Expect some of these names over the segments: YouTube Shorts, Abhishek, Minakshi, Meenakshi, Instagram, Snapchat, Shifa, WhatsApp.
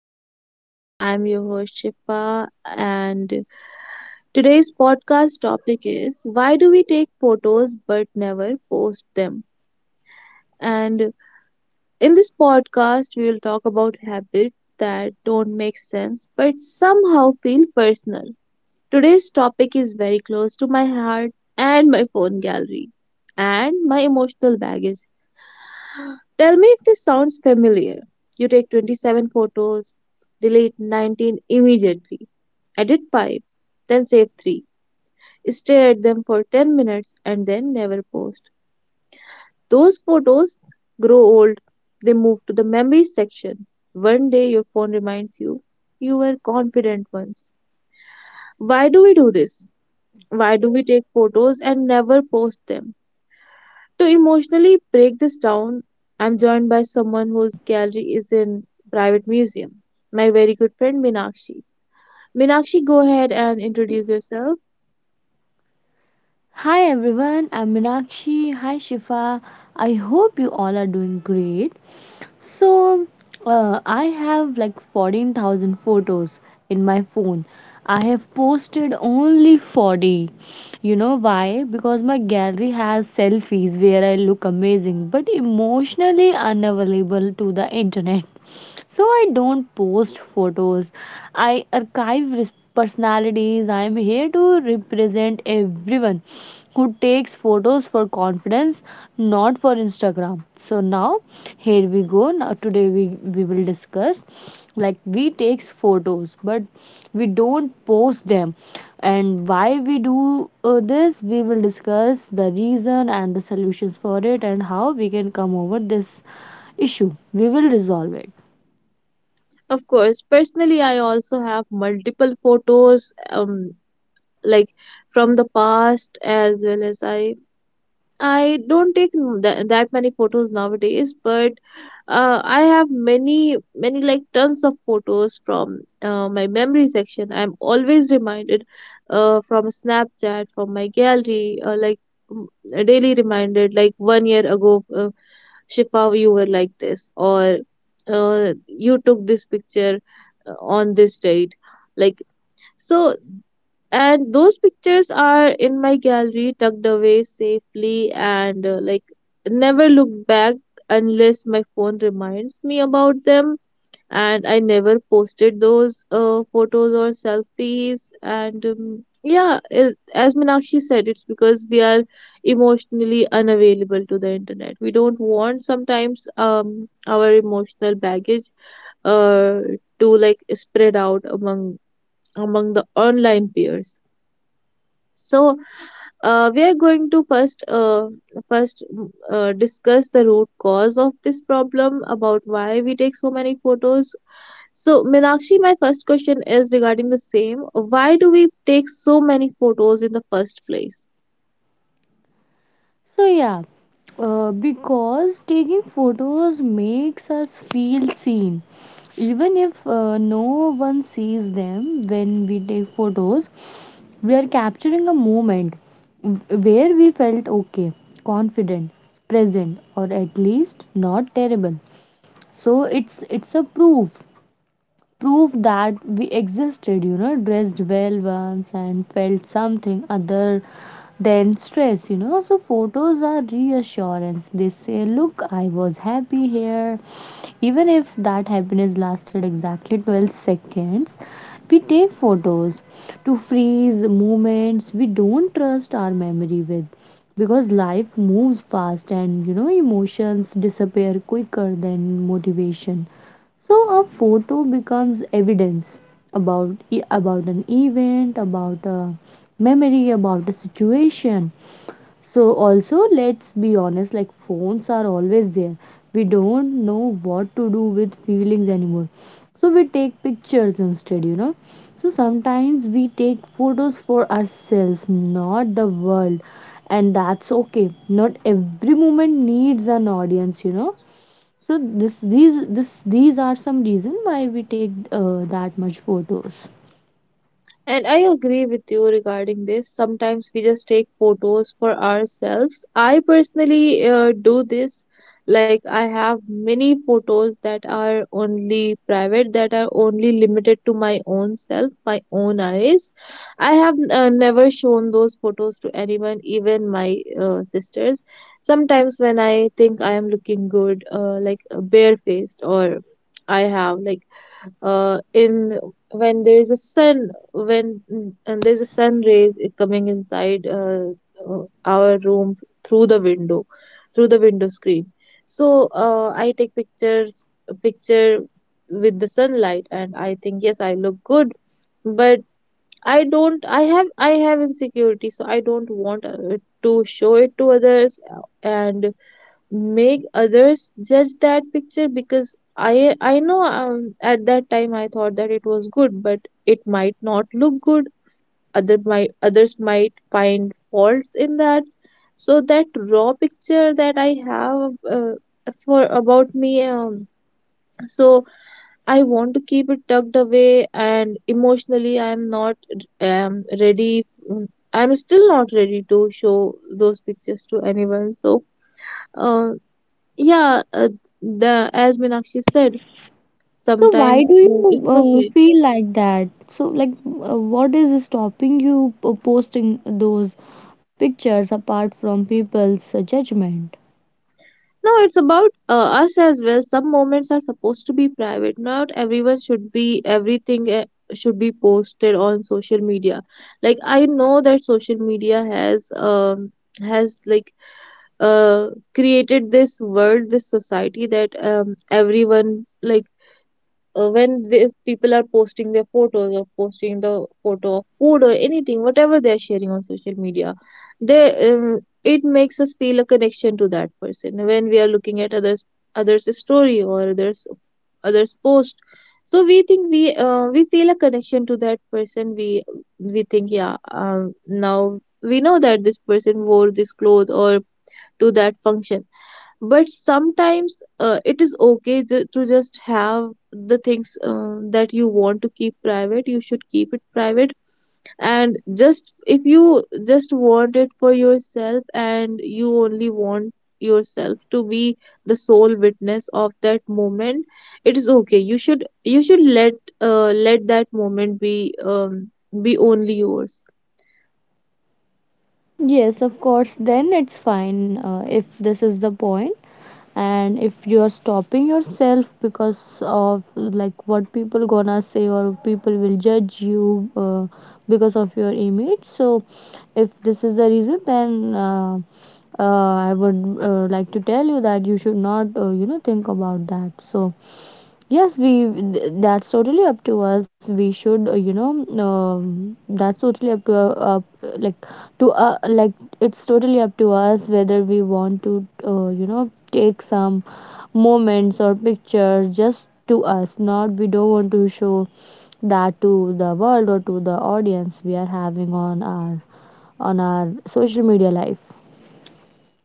everyone, I'm your host Shifa and today's podcast topic is why do we take photos but never post them? And in this podcast we will talk about habits that don't make sense but somehow feel personal. Today's topic is very close to my heart and my phone gallery and my emotional baggage. Tell me if this sounds familiar. You take 27 photos, delete 19 immediately, edit 5, then save 3, stare at them for 10 minutes, and then never post. Those photos grow old, they move to the memories section. One day your phone reminds you, you were confident once. Why do we do this? Why do we take photos and never post them? To emotionally break this down, I'm joined by someone whose gallery is in private museum, my very good friend Minakshi. Minakshi, go ahead and introduce yourself. Hi everyone, I'm Meenakshi. Hi Shifa. I hope you all are doing great. So, I have like 14,000 photos in my phone. I have posted only 40. You know why? Because my gallery has selfies where I look amazing but emotionally unavailable to the internet. So I don't post photos. Personalities. I'm here to represent everyone who takes photos for confidence, not for Instagram. So now here we go. Now today we will discuss like we takes photos but we don't post them and why we do this. We will discuss the reason and the solutions for it and how we can come over this issue. We will resolve it. Of course, personally, I also have multiple photos, like from the past as well as I don't take that many photos nowadays, but I have many, many like tons of photos from my memory section. I'm always reminded from Snapchat, from my gallery, mm, daily reminded, like one year ago, Shifa, you were like this, or you took this picture on this date. Like, so and those pictures are in my gallery tucked away safely and like never look back unless my phone reminds me about them, and I never posted those photos or selfies. And yeah, it, as Minakshi said, it's because we are emotionally unavailable to the internet. We don't want sometimes our emotional baggage uh to like spread out among the online peers. So we are going to first discuss the root cause of this problem about why we take so many photos. So, Meenakshi, my first question is regarding the same. Why do we take so many photos in the first place? So yeah, because taking photos makes us feel seen. Even if no one sees them, when we take photos, we are capturing a moment where we felt okay, confident, present, or at least not terrible. So it's a proof that we existed, you know, dressed well once and felt something other than stress, you know. So photos are reassurance. They say, look, I was happy here, even if that happiness lasted exactly 12 seconds. We take photos to freeze moments we don't trust our memory with, because life moves fast, and you know, emotions disappear quicker than motivation. So a photo becomes evidence about about an event, about a memory, about a situation. So also, let's be honest, like phones are always there. We don't know what to do with feelings anymore. So we take pictures instead, you know. So sometimes we take photos for ourselves, not the world. And that's okay. Not every moment needs an audience, you know. So this these are some reason why we take that much photos. And I agree with you regarding this. Sometimes we just take photos for ourselves. I personally do this. Like, I have many photos that are only private, that are only limited to my own self, my own eyes. I have never shown those photos to anyone, even my sisters. Sometimes when I think I am looking good, like barefaced, or I have like in when there is a sun, and there's a sun rays coming inside, our room through the window, through the window screen. So I take pictures a picture with the sunlight and I think yes I look good, but I don't I have insecurity, so I don't want to show it to others, and make others judge that picture, because I know, at that time I thought that it was good, but it might not look good, others might find faults in that. So that raw picture that I have, uh, for about me, so I want to keep it tucked away, and emotionally I am not, ready, mm, I'm still not ready to show those pictures to anyone. So uh, yeah the as Minakshi said, So why sometimes do you it's okay. feel like that? So like what is stopping you posting those pictures apart from people's judgment? No, it's about us as well. Some moments are supposed to be private. Not everyone should be, everything, should be posted on social media. Like, I know that social media has like created this world, this society, that everyone, like when the people are posting their photos, or posting the photo of food or anything, whatever they are sharing on social media, they it makes us feel a connection to that person. When we are looking at others' story or others' post, so we think we feel a connection to that person. We think yeah, now we know that this person wore this cloth or to that function. But sometimes it is okay to just have the things, that you want to keep private, you should keep it private. And just if you just want it for yourself, and you only want yourself to be the sole witness of that moment, it is okay, you should, you should let let that moment be only yours. Yes, of course, then it's fine if this is the point. And if you are stopping yourself because of like what people gonna say or people will judge you because of your image, so if this is the reason, then I would like to tell you that you should not, you know, think about that. So yes, we, that's totally up to us. We should, you know, that's totally up to up like to like it's totally up to us whether we want to, you know, take some moments or pictures just to us. Not, we don't want to show that to the world or to the audience we are having on our social media life.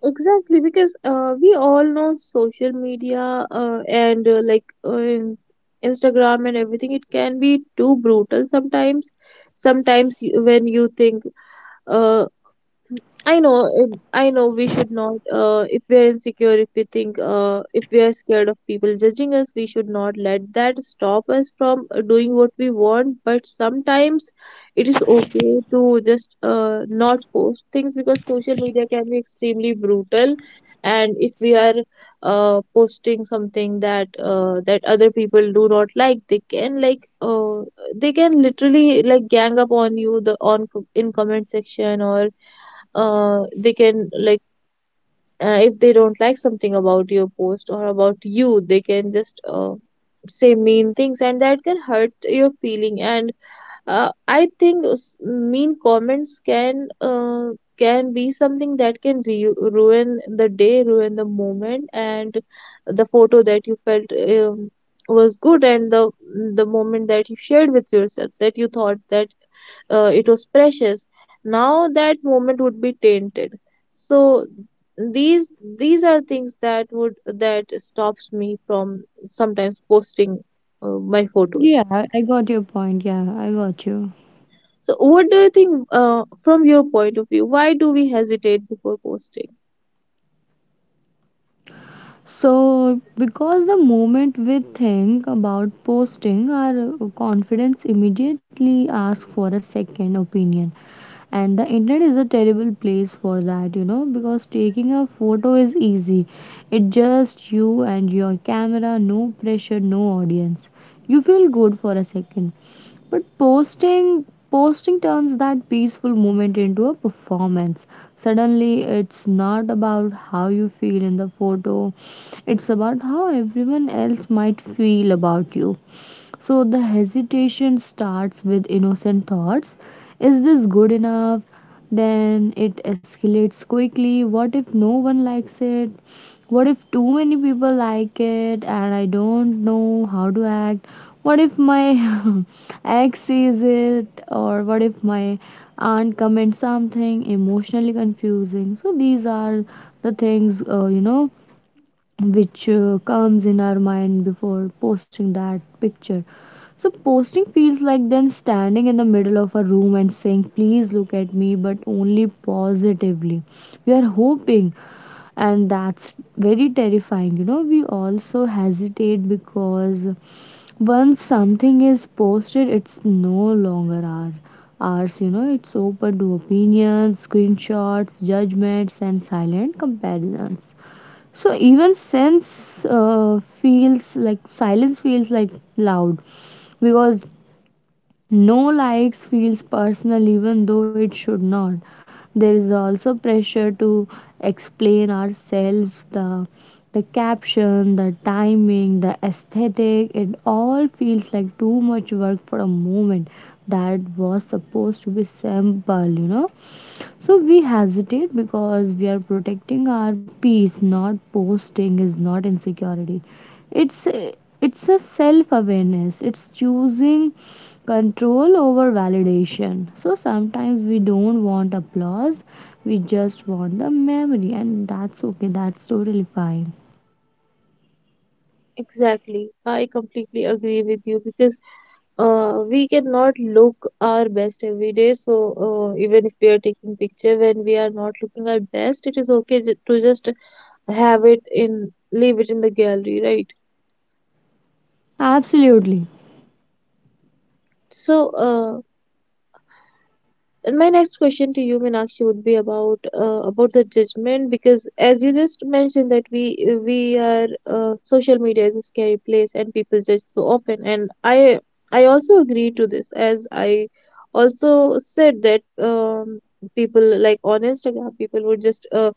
Exactly, because we all know social media, uh, and uh, like uh, in- Instagram and everything, it can be too brutal sometimes. Sometimes when you think, uh, I know, I know we should not, if we are insecure, if we think, if we are scared of people judging us, we should not let that stop us from doing what we want. But sometimes it is okay to just not post things, because social media can be extremely brutal. And if we are posting something that other people do not like, they can like, they can literally like gang up on you, the on in comment section, or they can like, if they don't like something about your post or about you, they can just say mean things, and that can hurt your feeling. And mean comments can, can be something that can ruin the day, ruin the moment. And the photo that you felt, was good, and the moment that you shared with yourself, that you thought that it was precious, now that moment would be tainted. So these these are things that stops me from sometimes posting my photos. Yeah, I got your point. Yeah, I got you. So, what do you think, from your point of view? Why do we hesitate before posting? So because the moment we think about posting, our confidence immediately asks for a second opinion. And the internet is a terrible place for that, you know, because taking a photo is easy. It's just you and your camera, no pressure, no audience. You feel good for a second. But posting turns that peaceful moment into a performance. Suddenly it's not about how you feel in the photo, it's about how everyone else might feel about you. So the hesitation starts with innocent thoughts. Is this good enough? Then it escalates quickly. What if no one likes it? What if too many people like it and I don't know how to act? What if my ex sees it? Or what if my aunt comments something emotionally confusing? So these are the things, you know, which comes in our mind before posting that picture. So posting feels like then standing in the middle of a room and saying, "Please look at me, but only positively." We are hoping, and that's very terrifying. You know, we also hesitate because once something is posted, it's no longer ours. You know, it's open to opinions, screenshots, judgments, and silent comparisons. So even sense feels like silence feels like loud, because no likes feels personal, even though it should not. There is also pressure to explain ourselves: the caption, the timing, the aesthetic. It all feels like too much work for a moment that was supposed to be simple, you know. So we hesitate because we are protecting our peace. Not posting is not insecurity. It's a- it's a self-awareness. It's choosing control over validation. So sometimes we don't want applause. We just want the memory, and that's okay. That's totally fine. Exactly. I completely agree with you because we cannot look our best every day. So, even if we are taking picture when we are not looking our best, it is okay to just leave it in the gallery, right? Absolutely. So, and my next question to you, Meenakshi, would be about the judgment, because as you just mentioned that we are, social media is a scary place and people judge so often, and I also agree to this, as I also said that, um, people like on Instagram, people would just, uh,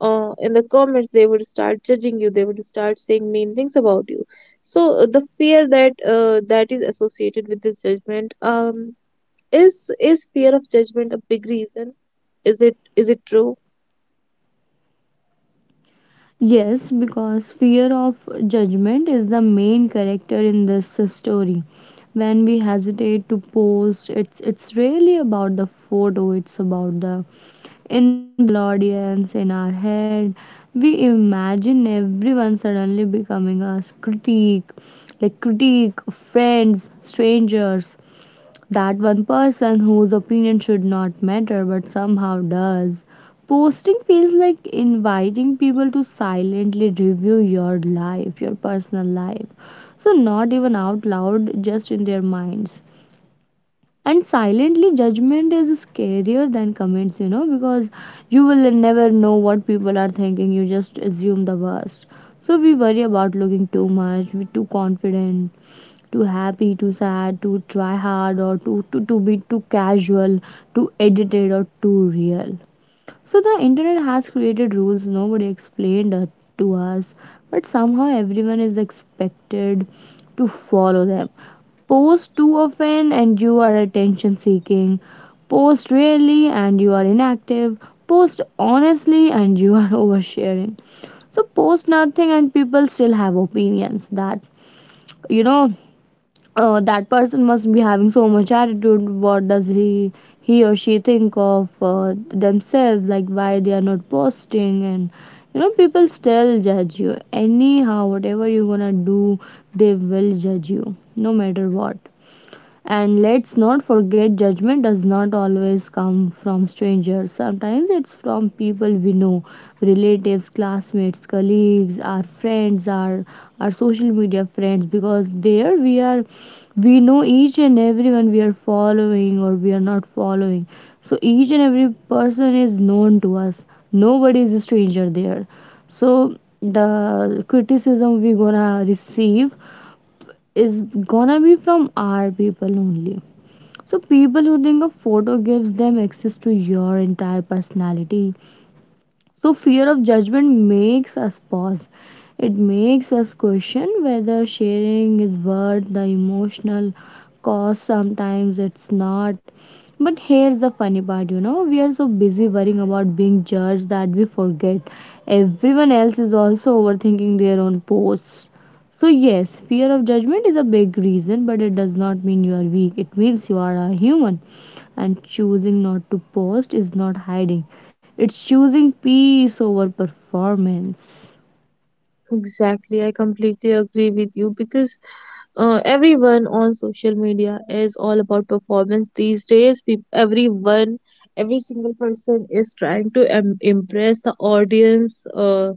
uh, in the comments, they would start judging you, they would start saying mean things about you. So the fear that is associated with this judgment, is fear of judgment a big reason? Is it true? Yes, because fear of judgment is the main character in this story. When we hesitate to post, it's really about the photo, it's about the invisible audience in our head. We imagine everyone suddenly becoming us critique, like critique, friends, strangers, that one person whose opinion should not matter but somehow does. Posting feels like inviting people to silently review your life, your personal life. So, not even out loud, just in their minds. And silently, judgment is scarier than comments, you know, because you will never know what people are thinking. You just assume the worst. So we worry about looking too much, we too confident, too happy, too sad, too try hard, or too casual, too edited, or too real. So the internet has created rules nobody explained, to us, but somehow everyone is expected to follow them. Post too often and you are attention seeking. Post rarely and you are inactive. Post honestly and you are oversharing. So post nothing and people still have opinions. That You know, that person must be having so much attitude. What does he or she think of themselves, like why they are not posting. And you know, people still judge you anyhow. Whatever you're gonna do, they will judge you no matter what. And let's not forget, judgment does not always come from strangers. Sometimes it's from people we know: relatives, classmates, colleagues, our friends, our social media friends. Because there we are, we know each and everyone we are following or we are not following. So each and every person is known to us. Nobody is a stranger there. So the criticism we gonna receive is gonna be from our people only. So people who think a photo gives them access to your entire personality. So fear of judgment makes us pause. It makes us question whether sharing is worth the emotional cost. Sometimes it's not. But here's the funny part, you know, we are so busy worrying about being judged that we forget everyone else is also overthinking their own posts. So yes, fear of judgment is a big reason, but it does not mean you are weak. It means you are a human, and choosing not to post is not hiding, it's choosing peace over performance. Exactly, I completely agree with you because everyone on social media is all about performance these days. Peop Everyone, every single person is trying to im impress the audience,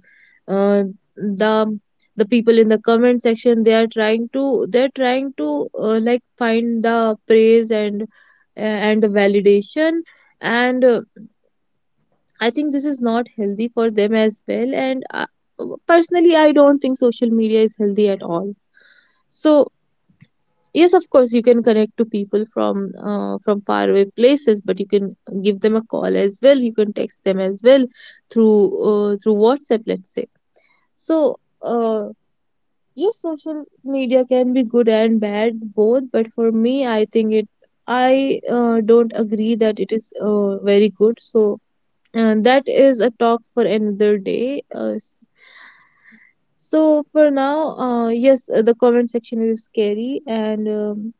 uh, the people in the comment section. They're trying to like find the praise and the validation. And I think this is not healthy for them as well. And personally, I don't think social media is healthy at all. So yes, of course, you can connect to people from faraway places, but you can give them a call as well. You can text them as well through through WhatsApp, let's say. So uh, yes, social media can be good and bad both. But for me, I think it. I don't agree that it is very good. So that is a talk for another day. So for now, yes, the comment section is scary, and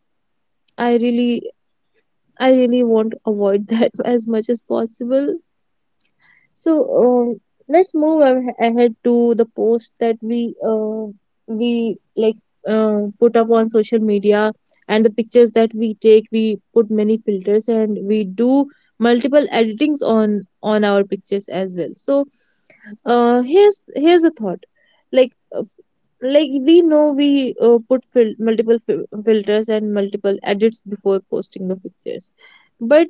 I really, I really want to avoid that as much as possible. So let's move ahead to the post that we like put up on social media, and the pictures that we take. We put many filters and we do multiple editings on our pictures as well. So here's the thought, like uh, like we know we put filters and multiple edits before posting the pictures. But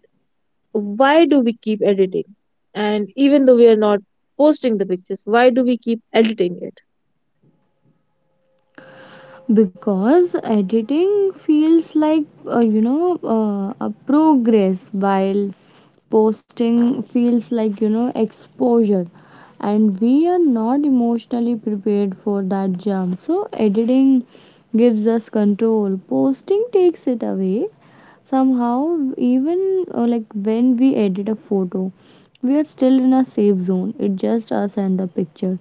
why do we keep editing, and even though we are not posting the pictures, why do we keep editing it? Because editing feels like, a progress, while posting feels like, you know, exposure. And we are not emotionally prepared for that jump. So editing gives us control, posting takes it away somehow. Even like when we edit a photo, we are still in a safe zone. It's just us and the picture.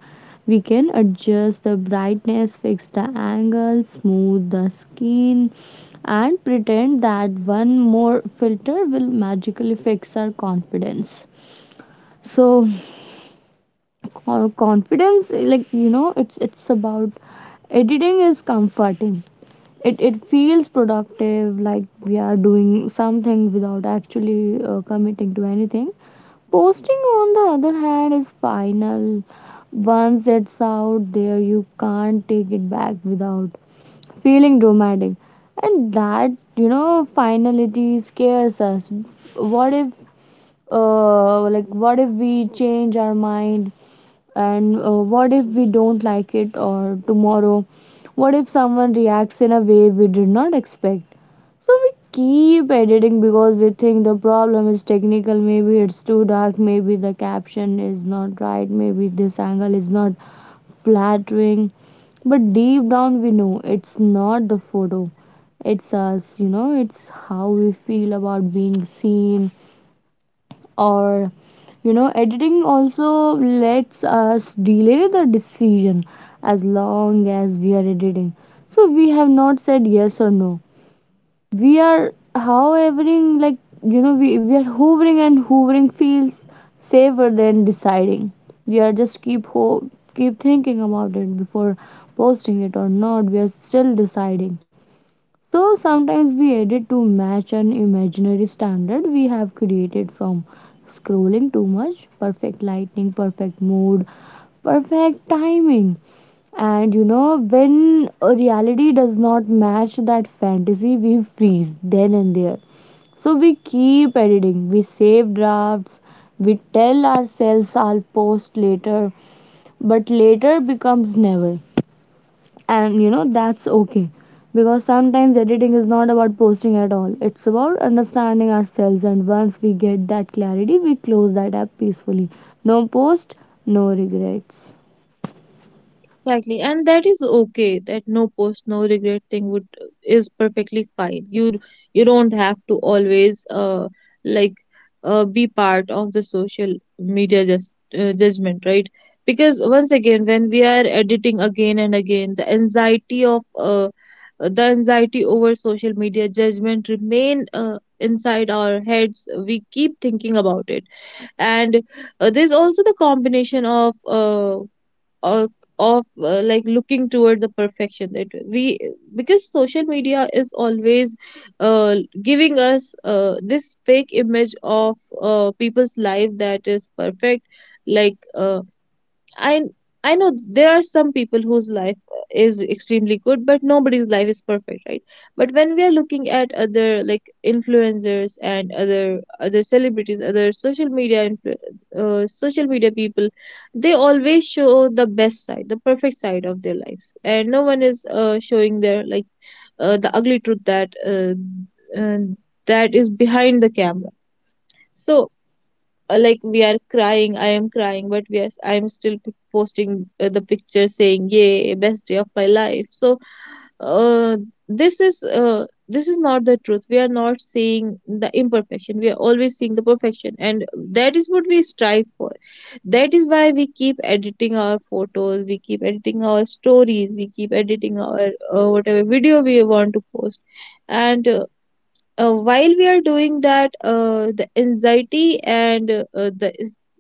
We can adjust the brightness, fix the angle, smooth the skin, and pretend that one more filter will magically fix our confidence. So, or confidence, like you know, it's about editing is comforting. It feels productive, like we are doing something without actually committing to anything. Posting, on the other hand, is final. Once it's out there, you can't take it back without feeling dramatic. And that, you know, finality scares us. What if, what if we change our mind, and what if we don't like it, or tomorrow, what if someone reacts in a way we did not expect. So we keep editing because we think the problem is technical. Maybe it's too dark, maybe the caption is not right, maybe this angle is not flattering. But deep down, we know it's not the photo, it's us, you know. It's how we feel about being seen. Or you know, editing also lets us delay the decision. As long as we are editing, so we have not said yes or no. We are however, like, you know, we are hovering, and hovering feels safer than deciding. We are just keep thinking about it before posting it or not. We are still deciding. So sometimes we edit to match an imaginary standard we have created from scrolling too much. Perfect lighting, perfect mood, perfect timing. And you know, when a reality does not match that fantasy, we freeze then and there. So we keep editing, we save drafts, we tell ourselves I'll post later, but later becomes never, and you know that's okay, because sometimes editing is not about posting at all. It's about understanding ourselves, and once we get that clarity, we close that app peacefully. No post, no regrets. Exactly, and that is okay. That no post, no regret thing would is perfectly fine. You don't have to always like be part of the social media just judgment, right? Because once again, when we are editing again and again, the anxiety over social media judgment remain inside our heads. We keep thinking about it, and there's also the combination uh, of like looking toward the perfection, that we, because social media is always uh, giving us, this fake image of people's life that is perfect, like I I know there are some people whose life is extremely good, but nobody's life is perfect, right? But when we are looking at other like influencers and other celebrities, other social media social media people, they always show the best side, the perfect side of their lives, and no one is showing their like the ugly truth uh, that is behind the camera. So like we are crying. I am crying, but yes, I am still posting the picture saying, "Yay, best day of my life." So uh, this is not the truth. We are not seeing the imperfection. We are always seeing the perfection, and that is what we strive for. That is why we keep editing our photos, we keep editing our stories, we keep editing our whatever video we want to post. And while we are doing that, the anxiety and uh, the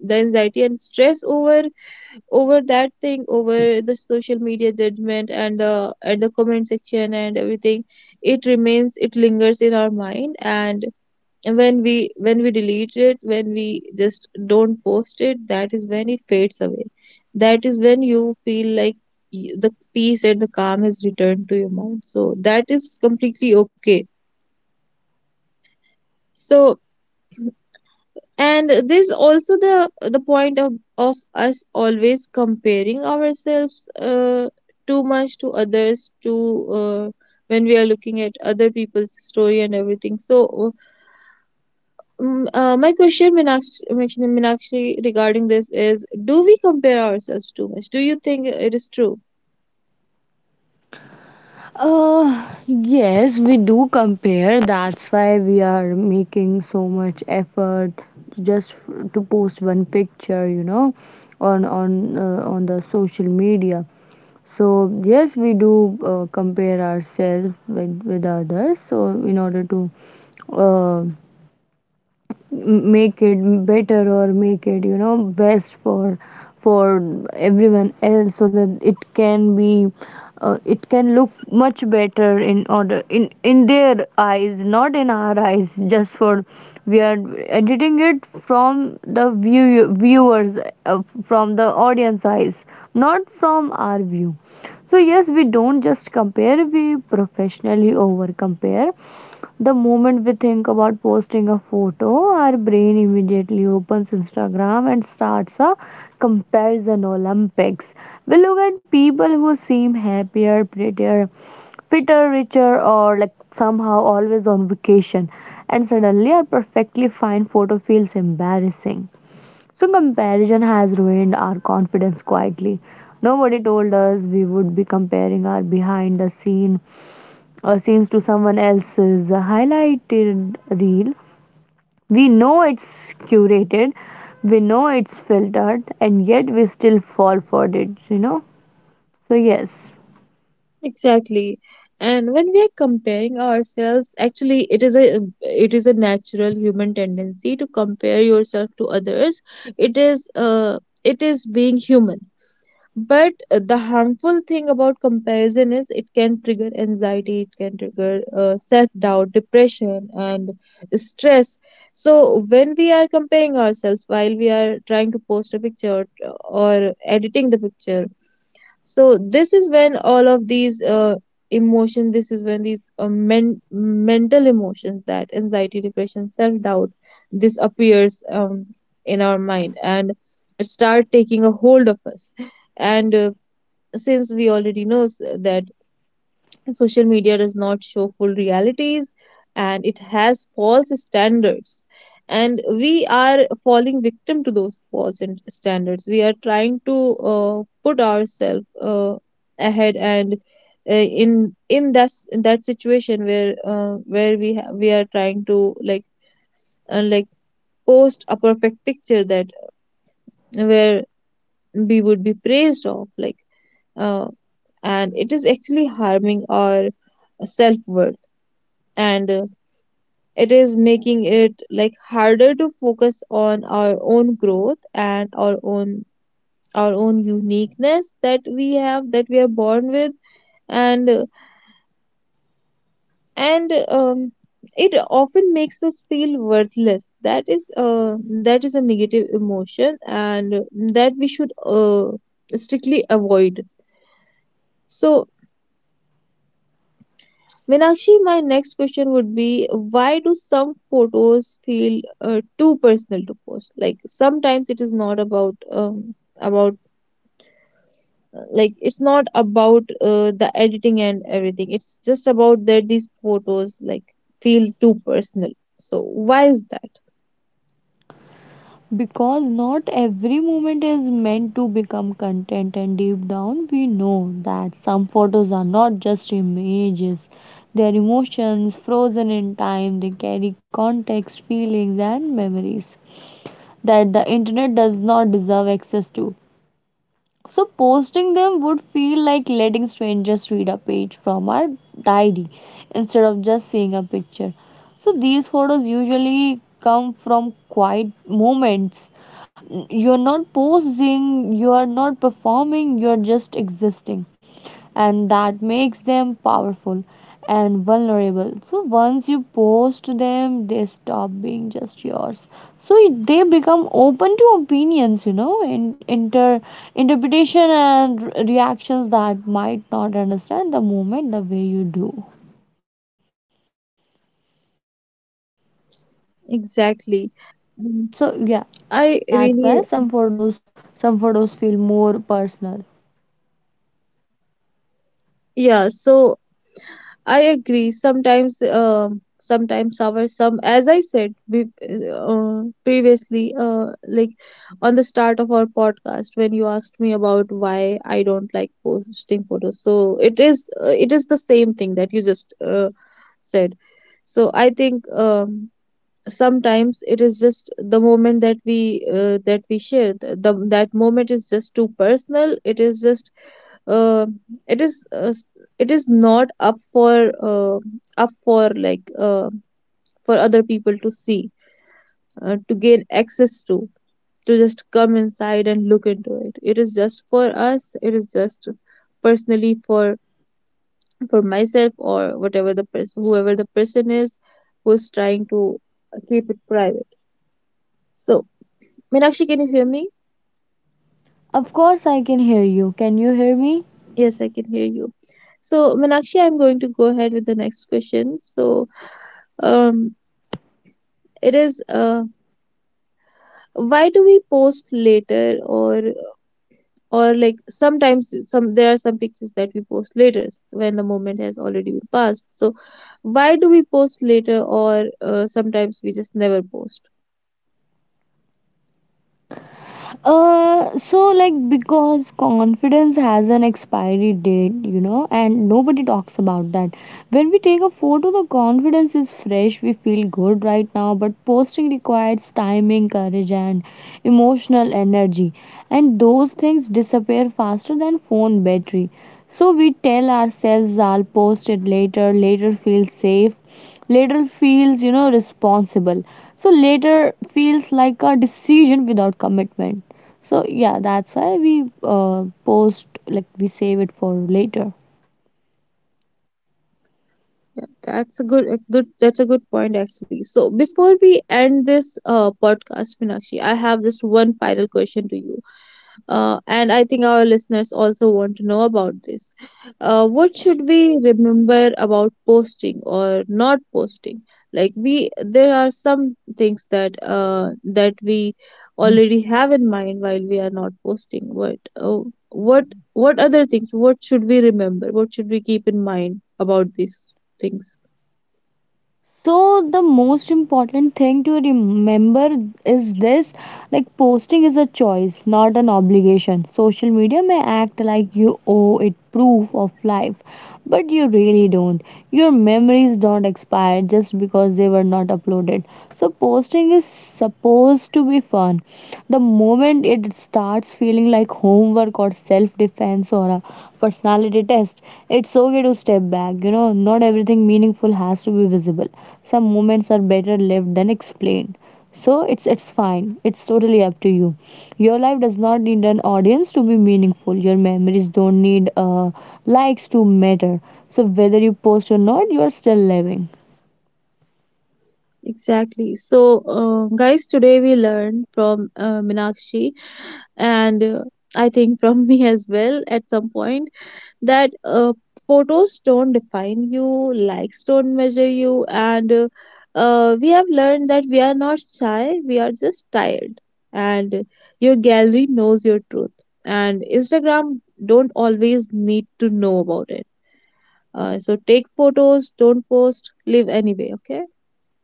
the anxiety and stress over over that thing, over the social media judgment and the comment section and everything, it remains, it lingers in our mind. And when we delete it, when we just don't post it, that is when it fades away. That is when you feel like the peace and the calm has returned to your mind, so that is completely okay. So, and there's also the point of us always comparing ourselves too much to others, to uh, when we are looking at other people's story and everything. So, my question, Meenakshi, regarding this is: do we compare ourselves too much? Do you think it is true? Yes, we do compare. That's why we are making so much effort to just to post one picture, you know, on on the social media. So yes, we do compare ourselves with others. So in order to uh, make it better, or make it, you know, best for for everyone else, so that it can be it can look much better in order, in their eyes, not in our eyes. Just for, we are editing it from the viewers, uh, from the audience eyes, not from our view. So yes, we don't just compare, we professionally over compare. The moment we think about posting a photo, our brain immediately opens Instagram and starts a comparison Olympics. We look at people who seem happier, prettier, fitter, richer, or like somehow always on vacation, and suddenly our perfectly fine photo feels embarrassing. So, comparison has ruined our confidence quietly. Nobody told us we would be comparing our behind the scene or scenes to someone else's highlighted reel. We know it's curated, we know it's filtered, and yet we still fall for it, you know? So, yes, Exactly. And when we are comparing ourselves, actually it is a natural human tendency to compare yourself to others. It is being human. But the harmful thing about comparison is it can trigger anxiety, it can trigger self doubt, depression, and stress. So, when we are comparing ourselves while we are trying to post a picture or editing the picture, so this is when all of these emotion this is when these mental emotions, that anxiety, depression, self doubt, this appears in our mind, and it start taking a hold of us. And since we already know that social media does not show full realities and it has false standards, and we are falling victim to those standards. We are trying to put ourselves ahead, and in that situation where we are trying to like and like post a perfect picture that, where we would be praised of, uh, and it is actually harming our self worth, and it is making it like harder to focus on our own growth and our own uniqueness that we have, that we are born with, and uh, and it often makes us feel worthless. That is that is a negative emotion, and that we should strictly avoid. So, Meenakshi, my next question would be: why do some photos feel too personal to post? Like sometimes it is not about about like it's not about the editing and everything. It's just about that these photos like feel too personal. So why is that? because not every moment is meant to become content, and deep down, we know that some photos are not just images. They are emotions frozen in time. They carry context, feelings, and memories that the internet does not deserve access to. So posting them would feel like letting strangers read a page from our diary instead of just seeing a picture. So these photos usually come from quiet moments. You're not posing, you are not performing, you're just existing, and that makes them powerful and vulnerable. So once you post them, they stop being just yours. So they become open to opinions, you know, and interpretation and reactions that might not understand the moment the way you do. So yeah, Exactly. that's why Um, some photos, I some photos really feel more personal. yeah. So I agree. Sometimes, sometimes as I said, previously, like on the start of our podcast, when you asked me about why I don't like posting photos, so it is the same thing that you just said. So I think, sometimes it is just the moment that we share, the that moment is just too personal. It is just uh, it is uh, s- it is not up for uh, up for for other people to see, to gain access to just come inside and look into it. It is just for us, it is just personally for myself, or whatever the person, whoever the person is who's trying to keep it private. So, Meenakshi, can you hear me? Of course I can hear you. Can you hear me? Yes, I can hear you. So, Meenakshi, I'm going to go ahead with the next question. So, um it is, why do we post later, or like sometimes some there are some pictures that we post later when the moment has already been passed? So why do we post later, or sometimes we just never post? So, like, because confidence has an expiry date, you know, and nobody talks about that. When we take a photo, the confidence is fresh. We feel good right now, but posting requires timing, courage, and emotional energy, and those things disappear faster than phone battery. So we tell ourselves I'll post it later. Later feels safe, later feels, you know, responsible. So later feels like a decision without commitment. So yeah, that's why we post, like, we save it for later. Yeah, that's a good that's a good point actually. So before we end this podcast, Minakshi, I have just one final question to you. And I think our listeners also want to know about this. What should we remember about posting or not posting? Like we, there are some things that that we already have in mind while we are not posting. What, what other things? What should we remember? What should we keep in mind about these things? So the most important thing to remember is this: like, posting is a choice, not an obligation. Social media may act like you owe it proof of life, but you really don't. Your memories don't expire just because they were not uploaded. So posting is supposed to be fun. The moment it starts feeling like homework or self defense or a personality test, it's okay to step back. You know, not everything meaningful has to be visible. Some moments are better lived than explained. So it's fine. It's totally up to you. Your life does not need an audience to be meaningful. Your memories don't need likes to matter. So whether you post or not, you're still living. Exactly. So, guys, today we learned from Minakshi and I think from me as well at some point, that photos don't define you, likes don't measure you, and we have learned that we are not shy, we are just tired, and your gallery knows your truth, and Instagram don't always need to know about it. So take photos, don't post, live anyway, okay?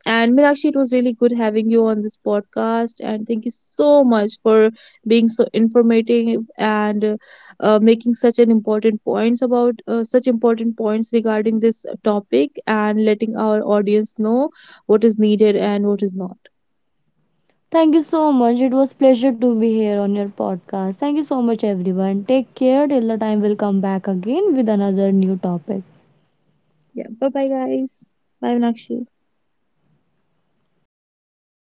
And Meenakshi, it was really good having you on this podcast. And thank you so much for being so informative and making such an important points about such important points regarding this topic, and letting our audience know what is needed and what is not. Thank you so much. It was pleasure to be here on your podcast. Thank you so much everyone. Take care till the time we'll come back again with another new topic. Yeah. Bye bye, guys. Bye, Meenakshi. Bye.